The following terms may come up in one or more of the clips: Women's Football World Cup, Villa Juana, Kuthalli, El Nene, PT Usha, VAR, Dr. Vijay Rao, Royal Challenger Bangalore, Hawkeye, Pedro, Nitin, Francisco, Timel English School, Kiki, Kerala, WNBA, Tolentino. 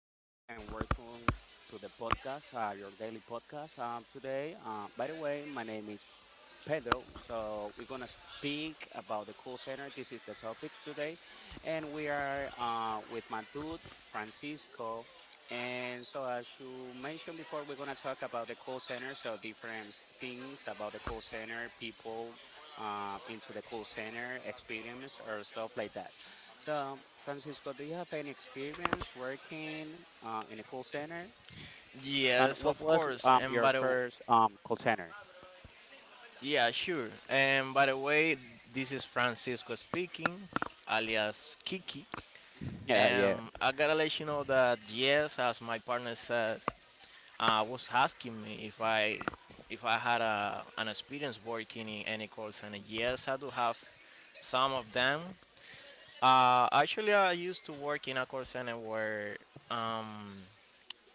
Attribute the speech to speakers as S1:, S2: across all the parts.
S1: Thank you and welcome to the podcast, your daily podcast. Today, by the way, my name is Pedro. So we're gonna speak about the call center. This is the topic today, and we are with my dude Francisco. And so, as you mentioned before, we're gonna talk about the call center. So different things about the call center, people into the call center, experience, or stuff like that. So, Francisco, do you have any experience working in a call center? And
S2: Yes,
S1: what
S2: of
S1: was
S2: course. And
S1: your
S2: by the w-
S1: first call center?
S2: yeah, sure. And by the way, this is Francisco speaking, alias Kiki.
S1: Yeah, yeah.
S2: And I gotta let you know that yes, as my partner says, was asking me if I had an experience working in any call center. Yes, I do have some of them. Actually, I used to work in a call center where um,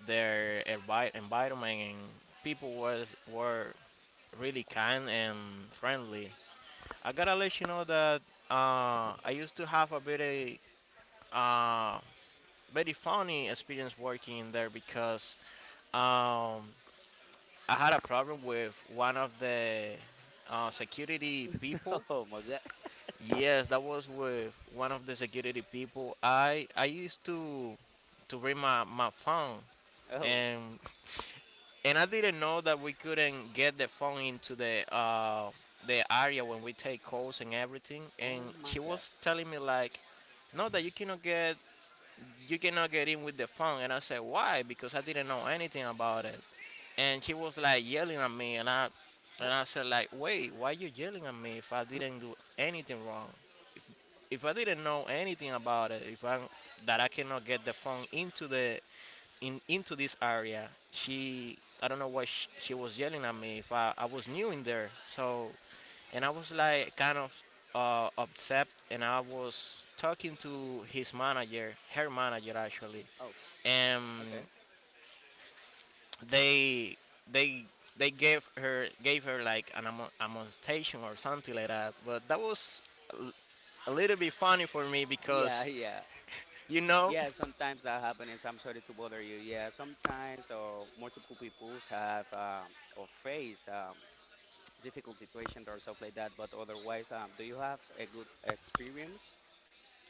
S2: their environment and people was were really kind and friendly. I gotta let you know that I used to have a very uh, very funny experience working there because um, I had a problem with one of the security people.
S1: Oh my God.
S2: Yes, that was with one of the security people. I used to bring my phone.
S1: Oh,
S2: And And I didn't know that we couldn't get the phone into the area when we take calls and everything.
S1: oh
S2: And
S1: my
S2: she
S1: God.
S2: was telling me like, no, that you cannot get in with the phone. And I said why? Because I didn't know anything about it. And She was like yelling at me, and I and
S1: Oh,
S2: I said like, wait, why you yelling at me if I didn't do anything wrong? If I didn't know anything about it, if I that I cannot get the phone into the in into this area, she I don't know why she was yelling at me if I was new in there. So, and I was like kind of upset, and I was talking to his manager, her manager actually,
S1: oh,
S2: and
S1: okay.
S2: they they they gave her like an amonestation or something like that. But that was a little bit funny for me
S1: Yeah,
S2: because
S1: yeah.
S2: you know
S1: Yeah, sometimes that happens. I'm sorry to bother you. Yeah, sometimes or multiple peoples have or face difficult situations or stuff like that. But otherwise, do you have a good experience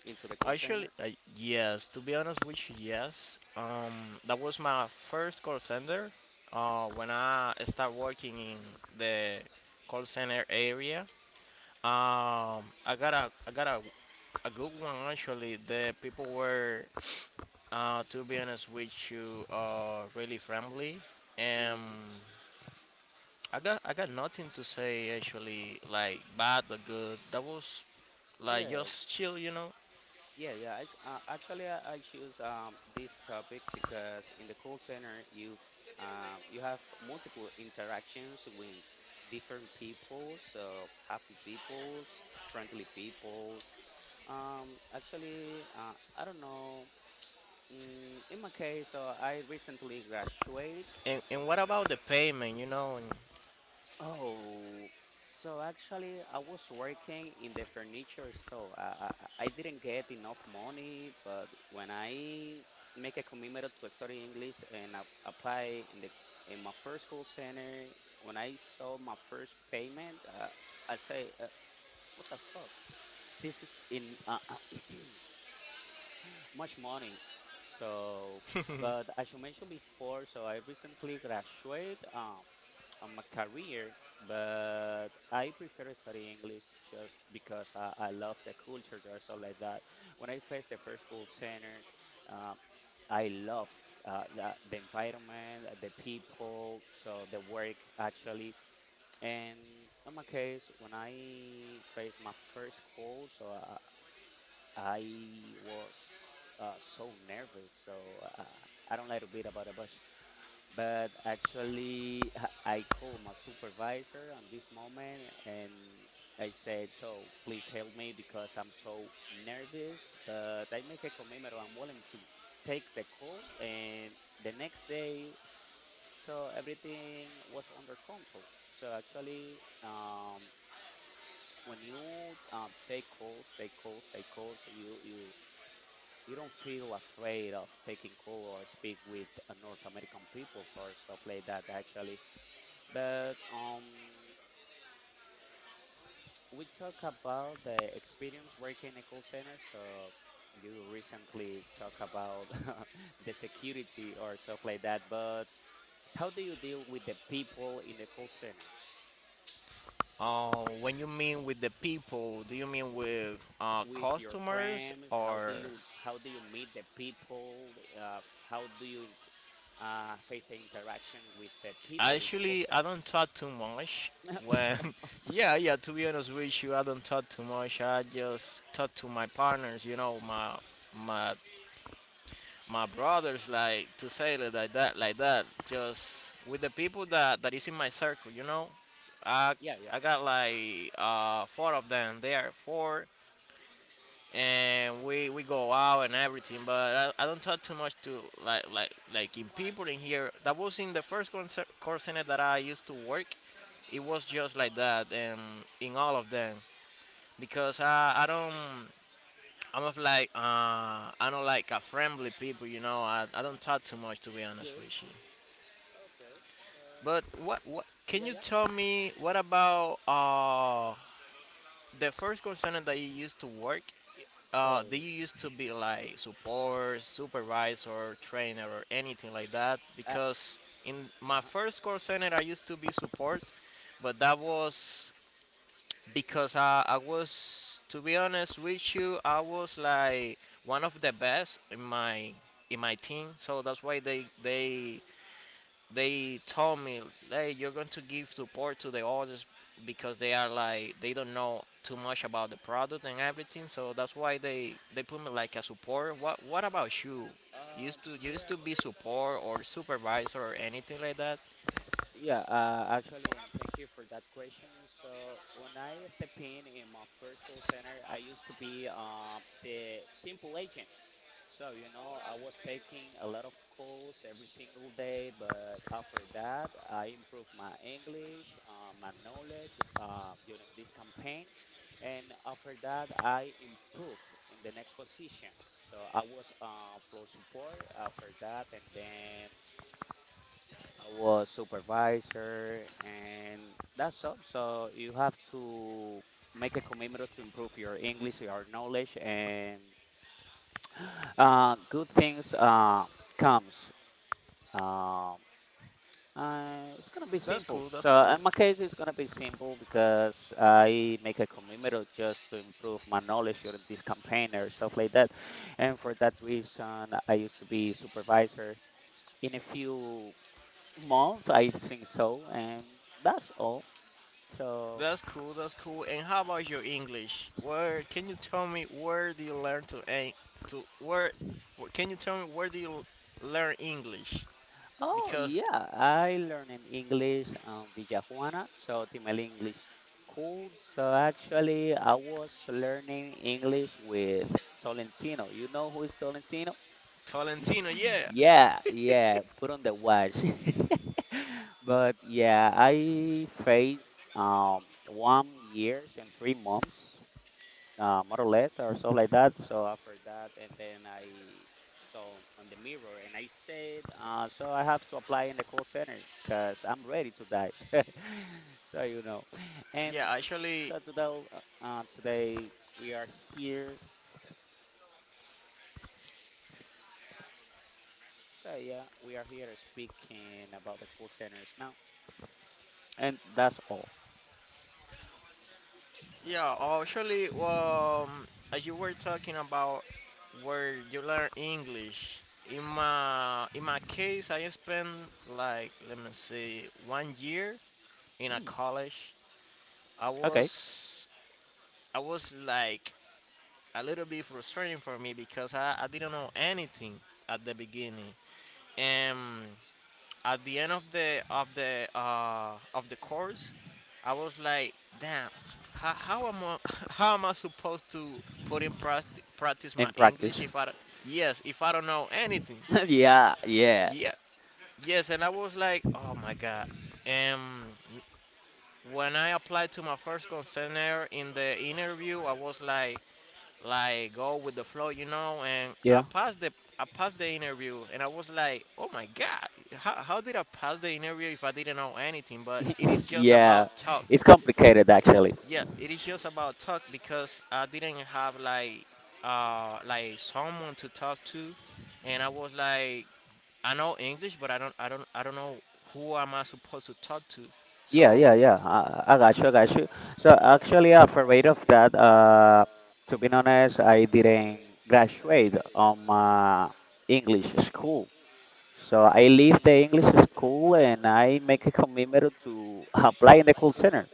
S1: into the call
S2: Actually,
S1: center?
S2: yes. To be honest with you, yes. That was my first call center. When I started working in the call center area, I got a good one actually. The people were, to be honest with you, really friendly.
S1: Mm,
S2: Um, I got nothing to say actually, like bad or good. That was like
S1: yes.
S2: just chill, you know.
S1: Yeah, yeah. Actually, I choose this topic because in the call center, you you have multiple interactions with different people, so happy peoples, friendly peoples. I don't know. Mm, in my case, I recently graduated.
S2: And what about the payment, you know?
S1: Oh, so actually, I was working in the furniture store. I didn't get enough money, but when I make a commitment to study English and I apply in the in my first call center, when I saw my first payment, I say, "What the fuck? This is in much money." So, but as you mentioned before, so I recently graduated. On my career, but I prefer studying English just because I love the culture there, so like that. When I faced the first school center, uh, I love the environment, the people, so the work actually. And in my case, when I faced my first call, so I was so nervous, so I don't like to beat about it, but actually I called my supervisor on this moment and I said, so please help me because I'm so nervous, but I make a commitment. I'm willing to take the call and the next day, so everything was under control. So actually, when you take calls, take calls, take calls, you you don't feel afraid of taking call or speak with North American people or stuff like that. Actually, but we talk about the experience working in a call center. So you recently talk about the security or stuff like that. But how do you deal with the people in the call center?
S2: Uh, when you mean with the people, do you mean with
S1: With your
S2: customers
S1: friends,
S2: or?
S1: how do you meet the people? How do you int face the interaction with the people in the call
S2: Actually, I
S1: center?
S2: don't talk too much. When, yeah, yeah. To be honest with you, I don't talk too much. I just talk to my partners. You know, my my brothers. Like to say it like that, like that. Just with the people that that is in my circle. You know, I
S1: Yeah, yeah.
S2: I got like four of them. They are four and we go out and everything, but I don't talk too much to like in people in here. That was in the first concert, call center that I used to work. It was just like that, and in all of them because I don't. I'm of like uh I don't like a friendly people, you know. I don't
S1: Mm.
S2: talk too much, to be honest
S1: Good.
S2: with you.
S1: Okay. So
S2: But what can
S1: yeah,
S2: you
S1: yeah.
S2: tell me what about the first call center that you used to work? Do
S1: Oh,
S2: you used to be like support, supervisor, trainer, or anything like that?
S1: uh,
S2: Because in my
S1: uh-huh.
S2: first call center, I used to be support, but that was because I was, to be honest with you, I was like one of the best in my team. So that's why they told me, hey, you're going to give support to the others because they are like they don't know too much about the product and everything. So that's why they put me like a support. What about you? You used to
S1: Yeah,
S2: be support or supervisor or anything like that?
S1: yeah, actually, and thank you for that question. So when I step in my first call center, I used to be the simple agent. So, you know, I was taking a lot of calls every single day, but after that, I improved my English, my knowledge during this campaign. And after that, I improved in the next position. So I was floor support after that, and then I was supervisor, and that's all. So you have to make a commitment to improve your English, your knowledge, and good things comes. Um it's gonna be
S2: That's
S1: simple.
S2: cool. That's
S1: So
S2: cool.
S1: in my case, it's gonna be simple because I make a commitment just to improve my knowledge during this campaign or stuff like that. And for that reason, I used to be supervisor in a few months, I think so, and that's all. So,
S2: That's cool. That's cool. And how about your English? Where can you tell me where do you learn to en- to where? Wh- Can you tell me where do you learn English?
S1: oh
S2: Because
S1: yeah, I learned in English Villa Juana, so Timel English School. So actually, I was learning English with Tolentino. You know who is Tolentino?
S2: Tolentino, yeah,
S1: Yeah, yeah, put on the watch. But yeah, I faced 1 year and 3 months more or less or so like that. So after that, and then I saw on the mirror and I said, so I have to apply in the call center because I'm ready to die. So you know, and
S2: yeah. Actually,
S1: so today, today we are here. So yeah, we are here speaking about the call centers now, and that's all.
S2: yeah, actually, as you were talking about where you learn English, in my case, I spent like let me see, 1 year in a
S1: Mm,
S2: college. I
S1: okay,
S2: was I was like a little bit frustrating for me because I didn't know anything at the beginning. Um, at the end of the of the course, I was like, damn, how am I how am I supposed to put in practice my
S1: in
S2: English
S1: practice.
S2: if I don't- yes if I don't know anything?
S1: Yeah, yeah,
S2: Yeah, yes, and I was like, oh my god. And when I applied to my first concern in the interview, I was like go with the flow, you know. And
S1: yeah,
S2: I passed the interview, and I was like, oh my god, how did I pass the interview if I didn't know anything? But it is just
S1: yeah.
S2: about talk.
S1: It's complicated actually.
S2: Yeah, it is just about talk because I didn't have like someone to talk to, and I was like, I know English, but I don't know who am I supposed to talk to.
S1: Yeah,
S2: So,
S1: yeah, yeah. I got you, I got you. So actually, afraid of that, to be honest, I didn't graduate on my English school. So I leave the English school and I make a commitment to apply in the call center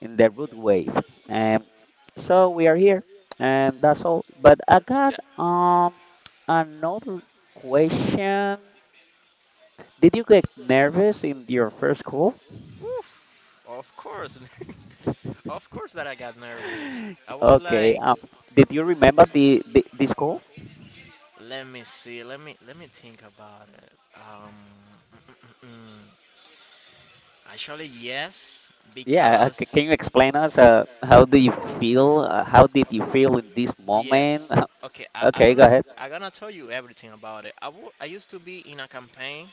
S1: in the root wave. And so we are here, and that's all. But I got another question. Did you get nervous in your first call?
S2: oof, of course, of course that I got nervous. I was
S1: Okay.
S2: like,
S1: Did you remember the this call?
S2: let me see. Let me think about it. Actually, yes,
S1: Yeah.
S2: because
S1: Can you explain us? How do you feel? How did you feel in this moment?
S2: okay,
S1: Okay, go ahead.
S2: I gonna tell you everything about it. I used to be in a campaign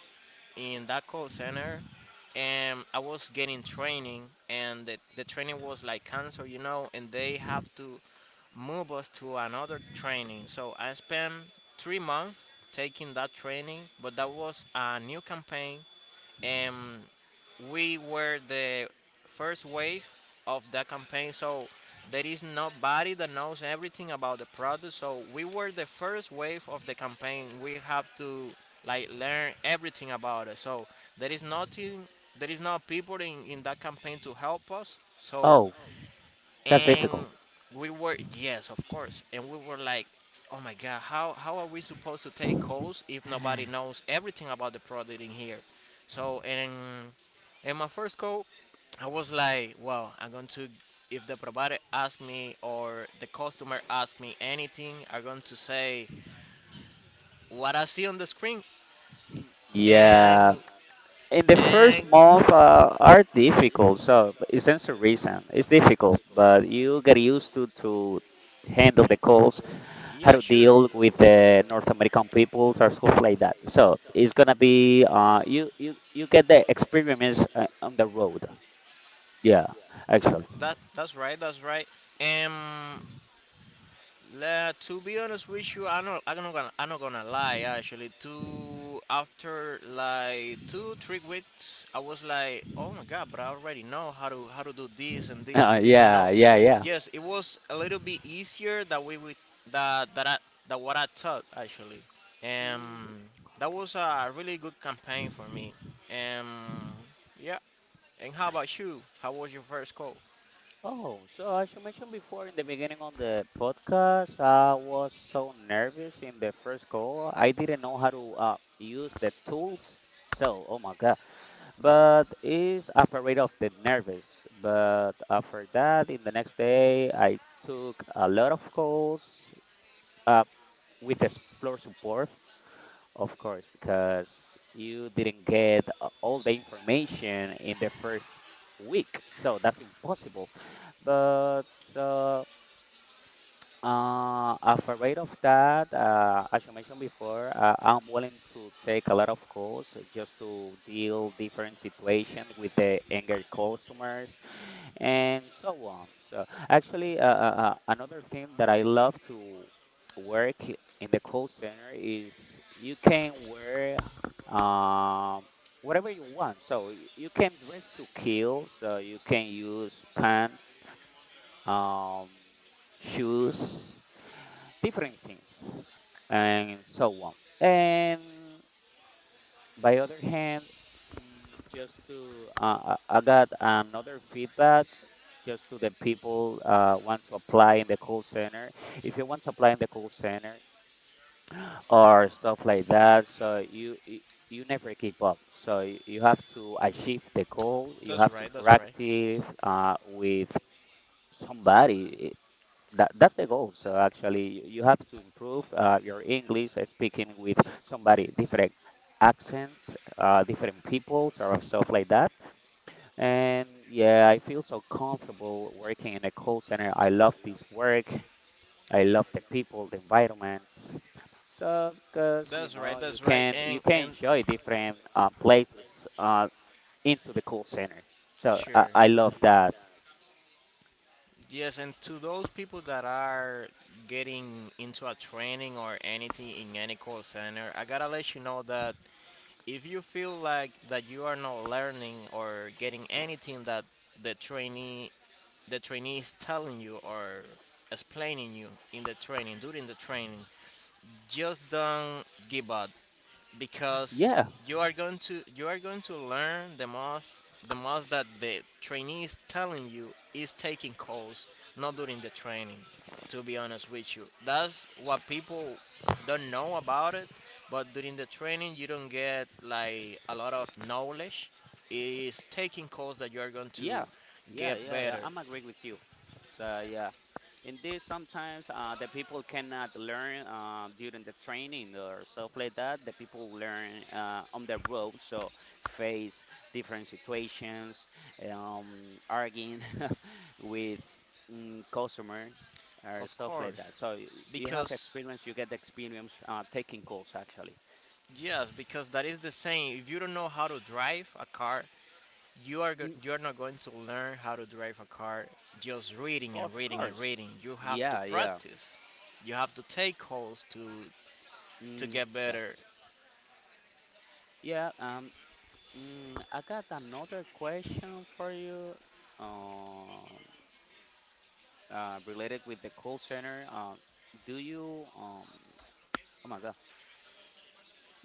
S2: in that call center, and I was getting training, and the training was like cancer, you know, and they have to move us to another training. So I spent 3 months taking that training, but that was a new campaign, and we were the first wave of that campaign. So there is nobody that knows everything about the product. So we were the first wave of the campaign. We have to like learn everything about it. So there is nothing there is no people in that campaign to help us. So
S1: Oh, that's
S2: and
S1: difficult.
S2: we were, yes, of course, and we were like, oh my god, how are we supposed to take calls if nobody knows everything about the product in here? So and in my first call, I was like, well, I'm going to, if the provider asks me or the customer asks me anything, I'm going to say what I see on the screen. and
S1: Yeah. In the first
S2: and
S1: month are difficult, so it stands to reason. It's difficult, but you get used to handle the calls, how
S2: yeah,
S1: to deal with the North American peoples or stuff like that. So it's gonna be you get the experience on the road. Yeah, actually.
S2: that's right and la, to be honest with you, I'm not gonna lie. Actually, two after like two, 3 weeks, I was like, oh my god, but I already know how to do this and this. You know,
S1: Yeah, yeah, yeah.
S2: yes, it was a little bit easier that we would that that I, that what I thought actually.
S1: Hmm.
S2: Um, that was a really good campaign for me. Um, yeah. And how about you? How was your first call?
S1: Oh, so as you mentioned before in the beginning on the podcast, I was so nervous in the first call. I didn't know how to use the tools. So, oh my God. But is afraid of the nervous. But after that, in the next day, I took a lot of calls uh, with the floor support. Of course, because you didn't get all the information in the first week, so that's impossible. But so, I'm afraid of that, as you mentioned before, I'm willing to take a lot of calls just to deal different situations with the angry customers and so on. So actually, another thing that I love to work in the call center is you can wear um, whatever you want. So you can dress to kill. So you can use pants, um, shoes, different things, and so on. And by other hand, mm, just to I got another feedback just to the people want to apply in the call center. If you want to apply in the call center or stuff like that, so you you never keep up. So you have to achieve the goal. You
S2: That's
S1: have to
S2: right. That's right.
S1: practice with somebody that that's the goal. So actually, you have to improve your English speaking with somebody different accents, different peoples, or stuff like that. And yeah, I feel so comfortable working in a call center. I love this work. I love the people, the environments. So because you
S2: That's right.
S1: know
S2: That's right.
S1: you can
S2: And
S1: enjoy different places into the call center. So
S2: sure.
S1: I love that.
S2: Yes, and to those people that are getting into a training or anything in any call center, I gotta let you know that if you feel like that you are not learning or getting anything that the trainee the trainee is telling you or explaining you in the training during the training, just don't give up, because
S1: Yeah,
S2: you are going to learn the most. That the trainee is telling you is taking calls, not during the training. To be honest with you, that's what people don't know about it, but during the training you don't get like a lot of knowledge. It is taking calls that you are going to
S1: yeah, yeah,
S2: get
S1: yeah, yeah.
S2: better.
S1: I'm agree with you. So yeah, indeed, sometimes the people cannot learn during the training or stuff like that. The people learn on the road, so face different situations, arguing with mm, customers or
S2: Of
S1: stuff like that.
S2: course,
S1: So you have
S2: because
S1: experience, you get experience taking calls actually.
S2: yes, because that is the same. If you don't know how to drive a car,
S1: Mm.
S2: you are not going to learn how to drive a car just reading and
S1: Of
S2: reading and
S1: course.
S2: reading. You have to
S1: Yeah, yeah.
S2: practice. You have to take calls to
S1: Mm,
S2: get
S1: yeah.
S2: better.
S1: Yeah, mm, I got another question for you, um, related with the call center. Do you, oh my God,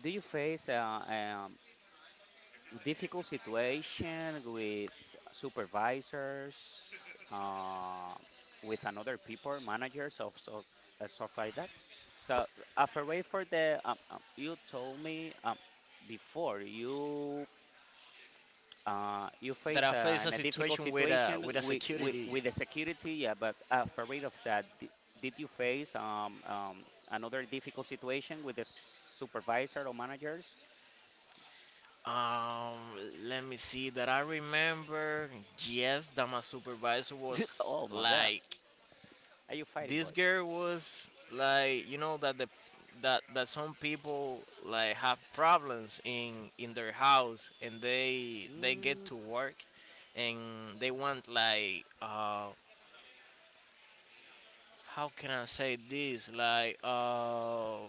S1: do you face a difficult situation with supervisors, uh, with another people, managers of so stuff like that? So, afraid for the, you told me before you. You
S2: That
S1: face
S2: I faced a
S1: in a difficult
S2: situation
S1: situation
S2: with a security.
S1: with the security, yeah, but for rid of that, did you face another difficult situation with the supervisor or managers?
S2: Um, let me see. That I remember. Yes, that my supervisor was
S1: Oh my God,
S2: like
S1: are you fighting,
S2: this
S1: boy?
S2: girl was like, you know, that the that that some people like have problems in their house and they get
S1: Mm.
S2: to work and they want like how can I say this?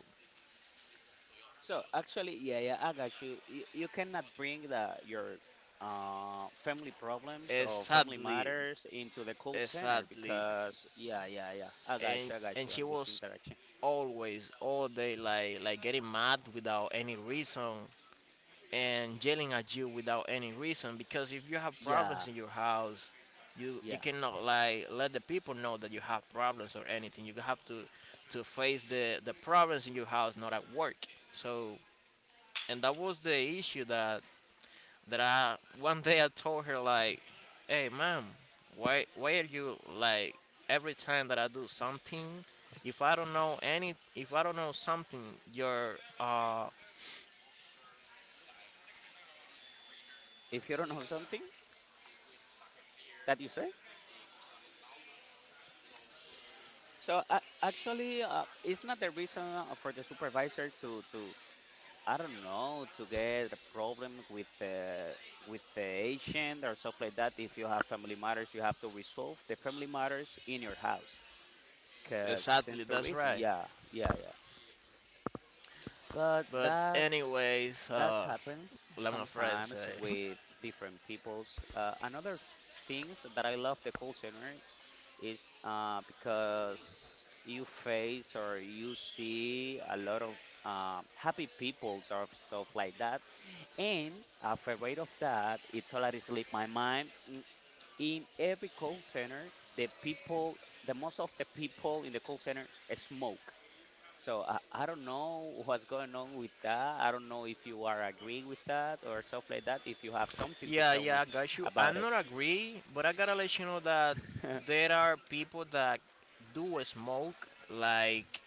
S1: So actually, yeah, yeah, I got you. You cannot bring the your family problems or family
S2: Exactly,
S1: matters into the call center
S2: exactly.
S1: because, yeah, yeah, yeah,
S2: and
S1: I got
S2: and
S1: you on
S2: she
S1: this
S2: was
S1: interaction.
S2: always all day like, getting mad without any reason and yelling at you without any reason, because if you have
S1: Yeah,
S2: problems in your house you
S1: yeah.
S2: cannot like let the people know that you have problems or anything. You have to face the problems in your house, not at work. So, and that was the issue that I one day I told her like, "Hey, ma'am, why are you like every time that I do something, if I don't know any, if I don't know something, you're uh
S1: If you don't know something, that you say. So it's not the reason for the supervisor to I don't know to get a problem with the agent or stuff like that. If you have family matters, you have to resolve the family matters in your house. Cause
S2: exactly,
S1: since the
S2: that's
S1: reason,
S2: right.
S1: yeah, yeah, yeah. But
S2: But
S1: that's
S2: anyways,
S1: that happens
S2: like my friend say,
S1: sometimes with different peoples. Another things that I love the call center is because you face or you see a lot of happy people or stuff like that. And afraid of that, it totally slipped my mind. In every call center, the people, the most of the people in the call center smoke. So I don't know what's going on with that. I don't know if you are agreeing with that or stuff like that. If you have something to
S2: yeah,
S1: tell me
S2: yeah, I got you.
S1: about
S2: I'm
S1: it.
S2: not agree, but I gotta let you know that there are people that do smoke like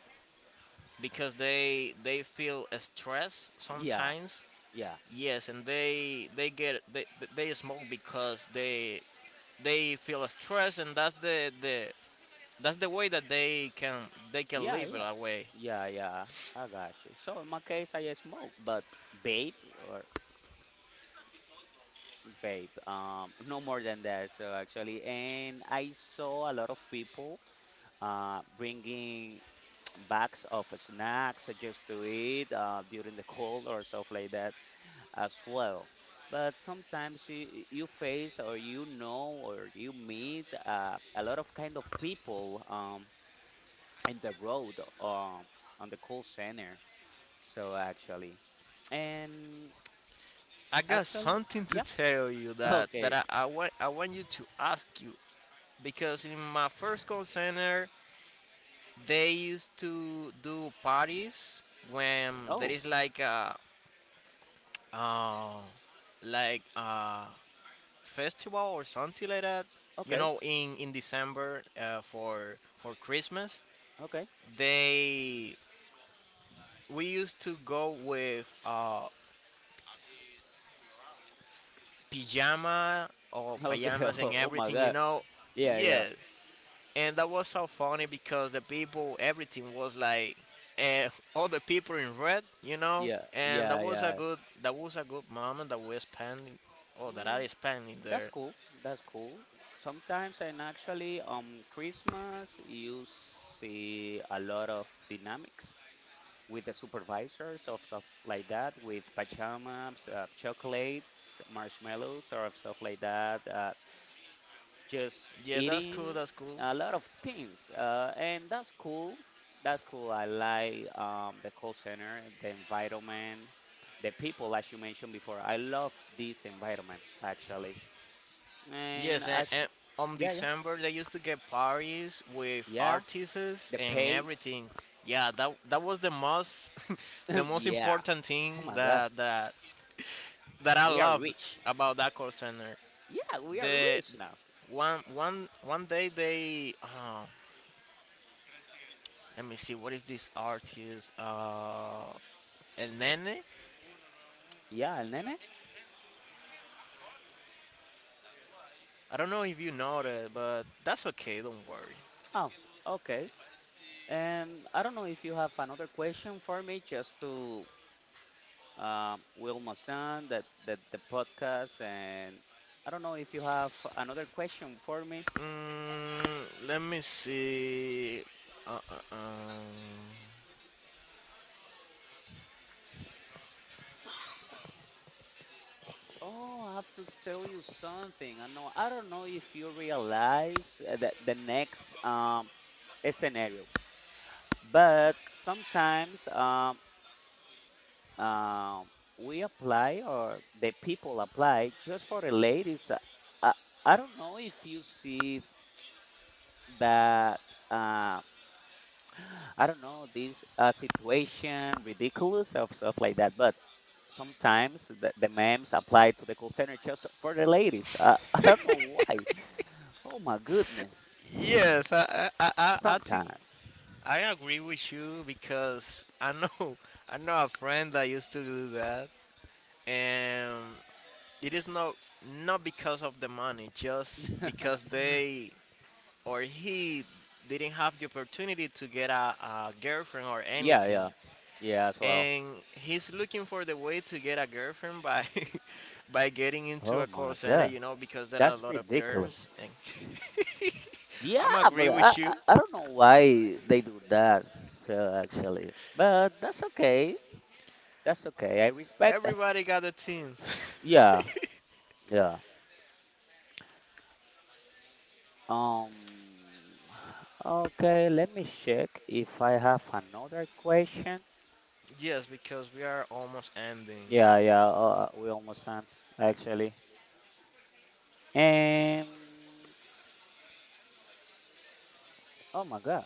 S2: because they feel stress
S1: Yeah,
S2: sometimes.
S1: yeah,
S2: Yes, and they smoke because they feel stress, and that's the that's the way that they can
S1: yeah,
S2: live it
S1: yeah,
S2: away.
S1: yeah, yeah, I got you. So in my case, I smoke, but vape or vape, no more than that. So actually, and I saw a lot of people bringing bags of snacks just to eat during the cold or stuff like that, as well. But sometimes you face or you know or you meet a lot of kind of people in the road on the call center. So actually, and
S2: I got
S1: actually,
S2: something to
S1: yeah,
S2: tell you that that
S1: okay.
S2: I, I want, I want you to ask you, because in my first call center they used to do parties when there
S1: Oh,
S2: is like a uh, like a festival or something like that, you
S1: okay,
S2: know, in December for Christmas.
S1: okay,
S2: They we used to go with pajama or
S1: okay.
S2: pajamas and
S1: Oh, my
S2: everything, you
S1: God.
S2: know.
S1: Yeah, yeah,
S2: Yes, and that was so funny, because the people, everything was like, uh, all the people in red, you know,
S1: yeah,
S2: and that
S1: yeah,
S2: was a
S1: yeah.
S2: good, that was a good moment that we spent, or that
S1: Mm,
S2: I spent in
S1: that's
S2: there.
S1: cool. That's cool. Sometimes and actually on Christmas you see a lot of dynamics with the supervisors or stuff like that, with pajamas, chocolates, marshmallows, or stuff like that. Just
S2: Yeah, that's cool,
S1: eating
S2: that's cool.
S1: a lot of things, and that's cool. That's cool. I like the call center, the environment, the people, as you mentioned before. I love this environment actually, and
S2: Yes, and,
S1: I sh
S2: and on
S1: yeah, yeah,
S2: December they used to get parties with
S1: yeah.
S2: artists
S1: The
S2: and
S1: pay,
S2: everything. Yeah, that was the most, the most
S1: yeah.
S2: important thing
S1: Oh my God,
S2: that I
S1: we are
S2: loved
S1: rich.
S2: about that call center.
S1: Yeah, we are
S2: The
S1: rich now.
S2: one one one day they let me see, what is this artist? El Nene.
S1: Yeah, Nene.
S2: I don't know if you know that, but that's okay, don't worry.
S1: Oh, okay. I don't know if you have another question for me, just to Wilma San, that, the podcast, and I don't know if you have another question for me.
S2: Mm, let me see. Uh, uh, um,
S1: Oh, I have to tell you something. I know I don't know if you realize that the next scenario, but sometimes um, we apply or the people apply just for the ladies. I, I don't know if you see that uh, I don't know this situation ridiculous of stuff like that, but sometimes the memes apply to the call center just for the ladies. I don't know why. Oh my goodness.
S2: yes, I think
S1: Sometimes.
S2: I agree with you, because I know, I know a friend that used to do that, and it is not, not because of the money, just
S1: yeah,
S2: because they or he didn't have the opportunity to get a girlfriend or anything,
S1: yeah, yeah as well.
S2: and he's looking for the way to get a girlfriend by, by getting into
S1: Oh
S2: a
S1: my
S2: call center,
S1: god,
S2: you know, because there are a
S1: that's
S2: lot of
S1: ridiculous.
S2: girls and, I'm
S1: Yeah,
S2: agree
S1: but I,
S2: with
S1: I
S2: you.
S1: I don't know why they do that. So actually, but that's okay. That's okay. I respect that.
S2: Everybody got the things.
S1: Yeah, yeah. Um, okay, let me check if I have another question.
S2: Yes, because we are almost ending.
S1: Yeah, yeah, we almost done actually. And oh my God.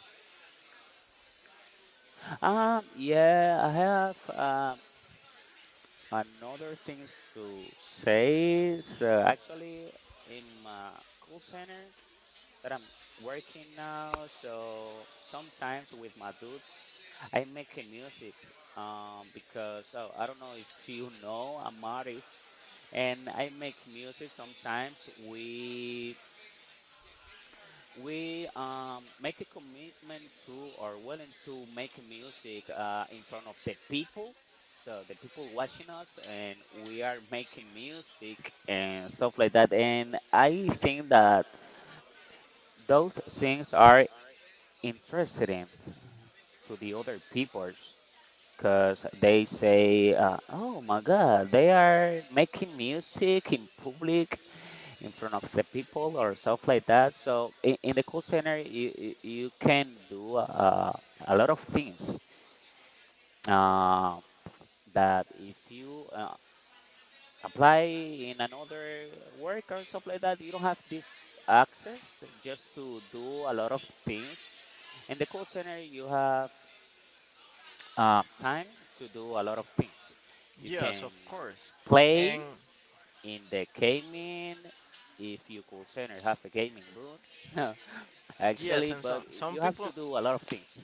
S1: Yeah, I have another things to say. So actually, in my call center, that I'm working now. So sometimes with my dudes, I make a music because oh, I don't know if you know, I'm artist and I make music. Sometimes we make a commitment to or willing to make music in front of the people. So the people watching us, and we are making music and stuff like that. And I think that those things are interested in to the other peoples because they say, "Oh my God, they are making music in public in front of the people or stuff like that." So in the call center, you can do a lot of things uh, that if you apply in another work or stuff like that, you don't have this access just to do a lot of things. In the call center, you have time to do a lot of things. You
S2: Yes,
S1: can
S2: of course.
S1: play
S2: And
S1: in the gaming if you could center have a gaming room.
S2: yes,
S1: Actually,
S2: and some
S1: but
S2: some
S1: you have to
S2: people,
S1: do a lot of things.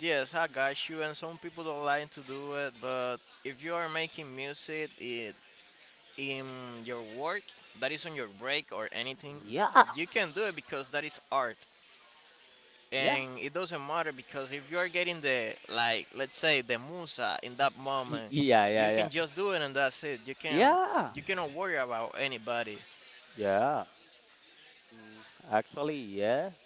S2: yes, I got you, and some people don't like to do it, but if you are making music, it in your work that is on your break or anything,
S1: Yeah,
S2: you can do it because that is art.
S1: yeah,
S2: And it doesn't matter, because if you are getting the, like, let's say, the musa in that moment,
S1: yeah, yeah,
S2: you can
S1: yeah,
S2: just do it and that's it. You can,
S1: yeah,
S2: you cannot worry about anybody.
S1: yeah. Mm, actually, yes.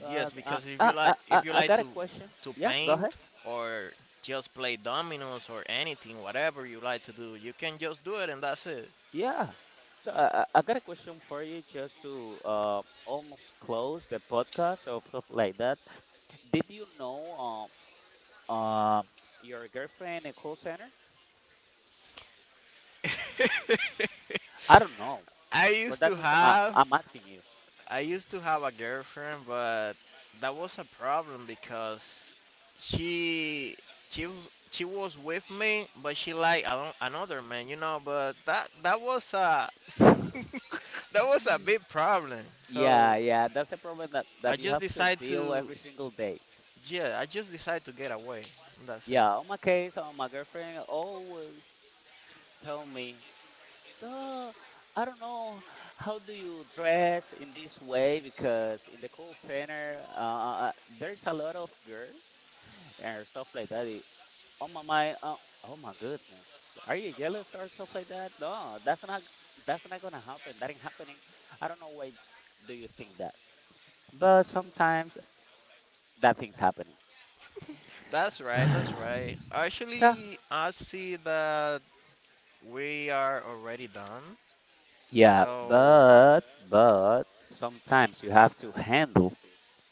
S1: But
S2: Yes,
S1: uh,
S2: because if you
S1: I, I,
S2: like,
S1: I
S2: if you
S1: I
S2: like
S1: got a question.
S2: to
S1: Yeah, go ahead.
S2: paint or just play dominoes or anything, whatever you like to do, you can just do it and that's it.
S1: Yeah. So I got a question for you just to almost close the podcast or stuff like that. Did you know um uh, your girlfriend a call center? I don't know.
S2: I
S1: For
S2: used to
S1: that reason,
S2: have
S1: I'm asking you.
S2: I used to have a girlfriend, but that was a problem because she she was with me, but she liked ano- another man, you know. But that, that was a, that was a big problem. So
S1: Yeah, yeah, that's the problem that
S2: I
S1: that you
S2: just
S1: have to
S2: decided
S1: deal
S2: to,
S1: every single day.
S2: yeah, I just decided to get away. That's it.
S1: Yeah, on my case, on my girlfriend always tell me, so I don't know how do you dress in this way because in the call center, there's a lot of girls and stuff like that. Oh my, oh my goodness. Are you jealous or stuff like that? No, that's not gonna happen. That ain't happening. I don't know why do you think that. But sometimes that thing's happening.
S2: That's right, that's right.
S1: So
S2: Actually, I see that we are already done.
S1: yeah,
S2: So,
S1: but sometimes you have to handle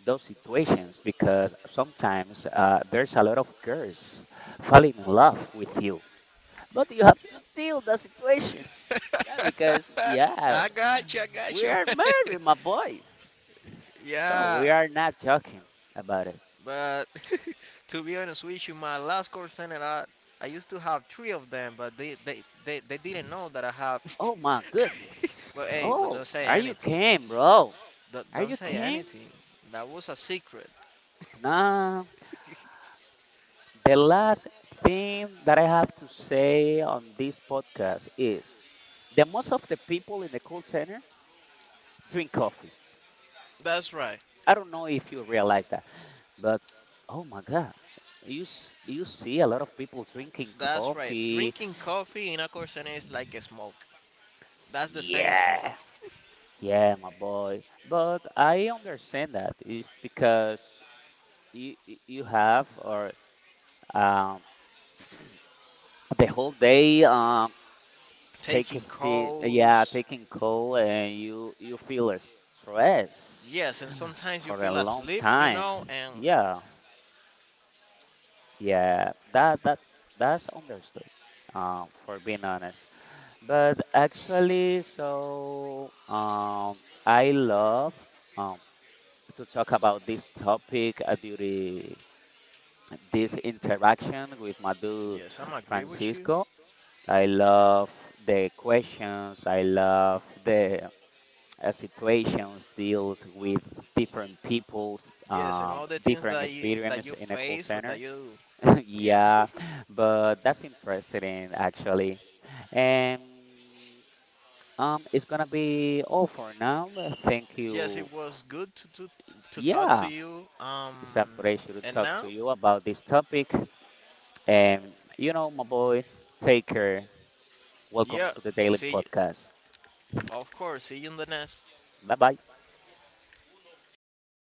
S1: those situations because sometimes there's a lot of girls falling in love with you. But you have to deal the situation. Yeah, because yeah,
S2: I got you, I got
S1: we
S2: you.
S1: are married, my boy. So
S2: Yeah.
S1: we are not joking about it.
S2: But, to be honest with you, my last call center, I used to have three of them, but they didn't know that I have.
S1: Oh my
S2: But
S1: goodness.
S2: hey, but don't
S1: Oh,
S2: say
S1: are you
S2: anything.
S1: came, bro?
S2: Don't,
S1: Are
S2: don't
S1: you
S2: say
S1: came?
S2: anything. That was a secret.
S1: Nah. The last thing that I have to say on this podcast is the most of the people in the call center drink coffee.
S2: That's right,
S1: I don't know if you realize that, but oh my god. You you see a lot of people drinking
S2: that's right.
S1: coffee.
S2: Drinking coffee in a call center is like a smoke. That's the same thing.
S1: Yeah. Yeah, my boy. But I understand that. It's because you have or um the whole day take a
S2: Taking
S1: seat
S2: cold.
S1: yeah taking cold and you feel a stress
S2: Yes, and sometimes you
S1: for
S2: feel
S1: a long
S2: asleep, you
S1: time
S2: know, and
S1: yeah yeah that's understood for being honest but actually so I love um to talk about this topic during this interaction with my dude
S2: yes, I'm agree with you.
S1: Francisco. I love the questions. I love the situations deals with different people's
S2: Yes, and all the things
S1: different
S2: that
S1: experience
S2: you
S1: in a call
S2: face or
S1: center.
S2: that you, yeah.
S1: Yeah, but that's interesting actually. And it's gonna be all for now. Thank
S2: Yes,
S1: you.
S2: it was good to talk to
S1: Yeah,
S2: you.
S1: it's a pleasure to
S2: And
S1: talk
S2: now,
S1: to you about this topic. And you know, my boy, take care. Welcome
S2: yeah,
S1: to the Daily
S2: see you,
S1: Podcast.
S2: of course, see you in the next.
S1: Bye bye.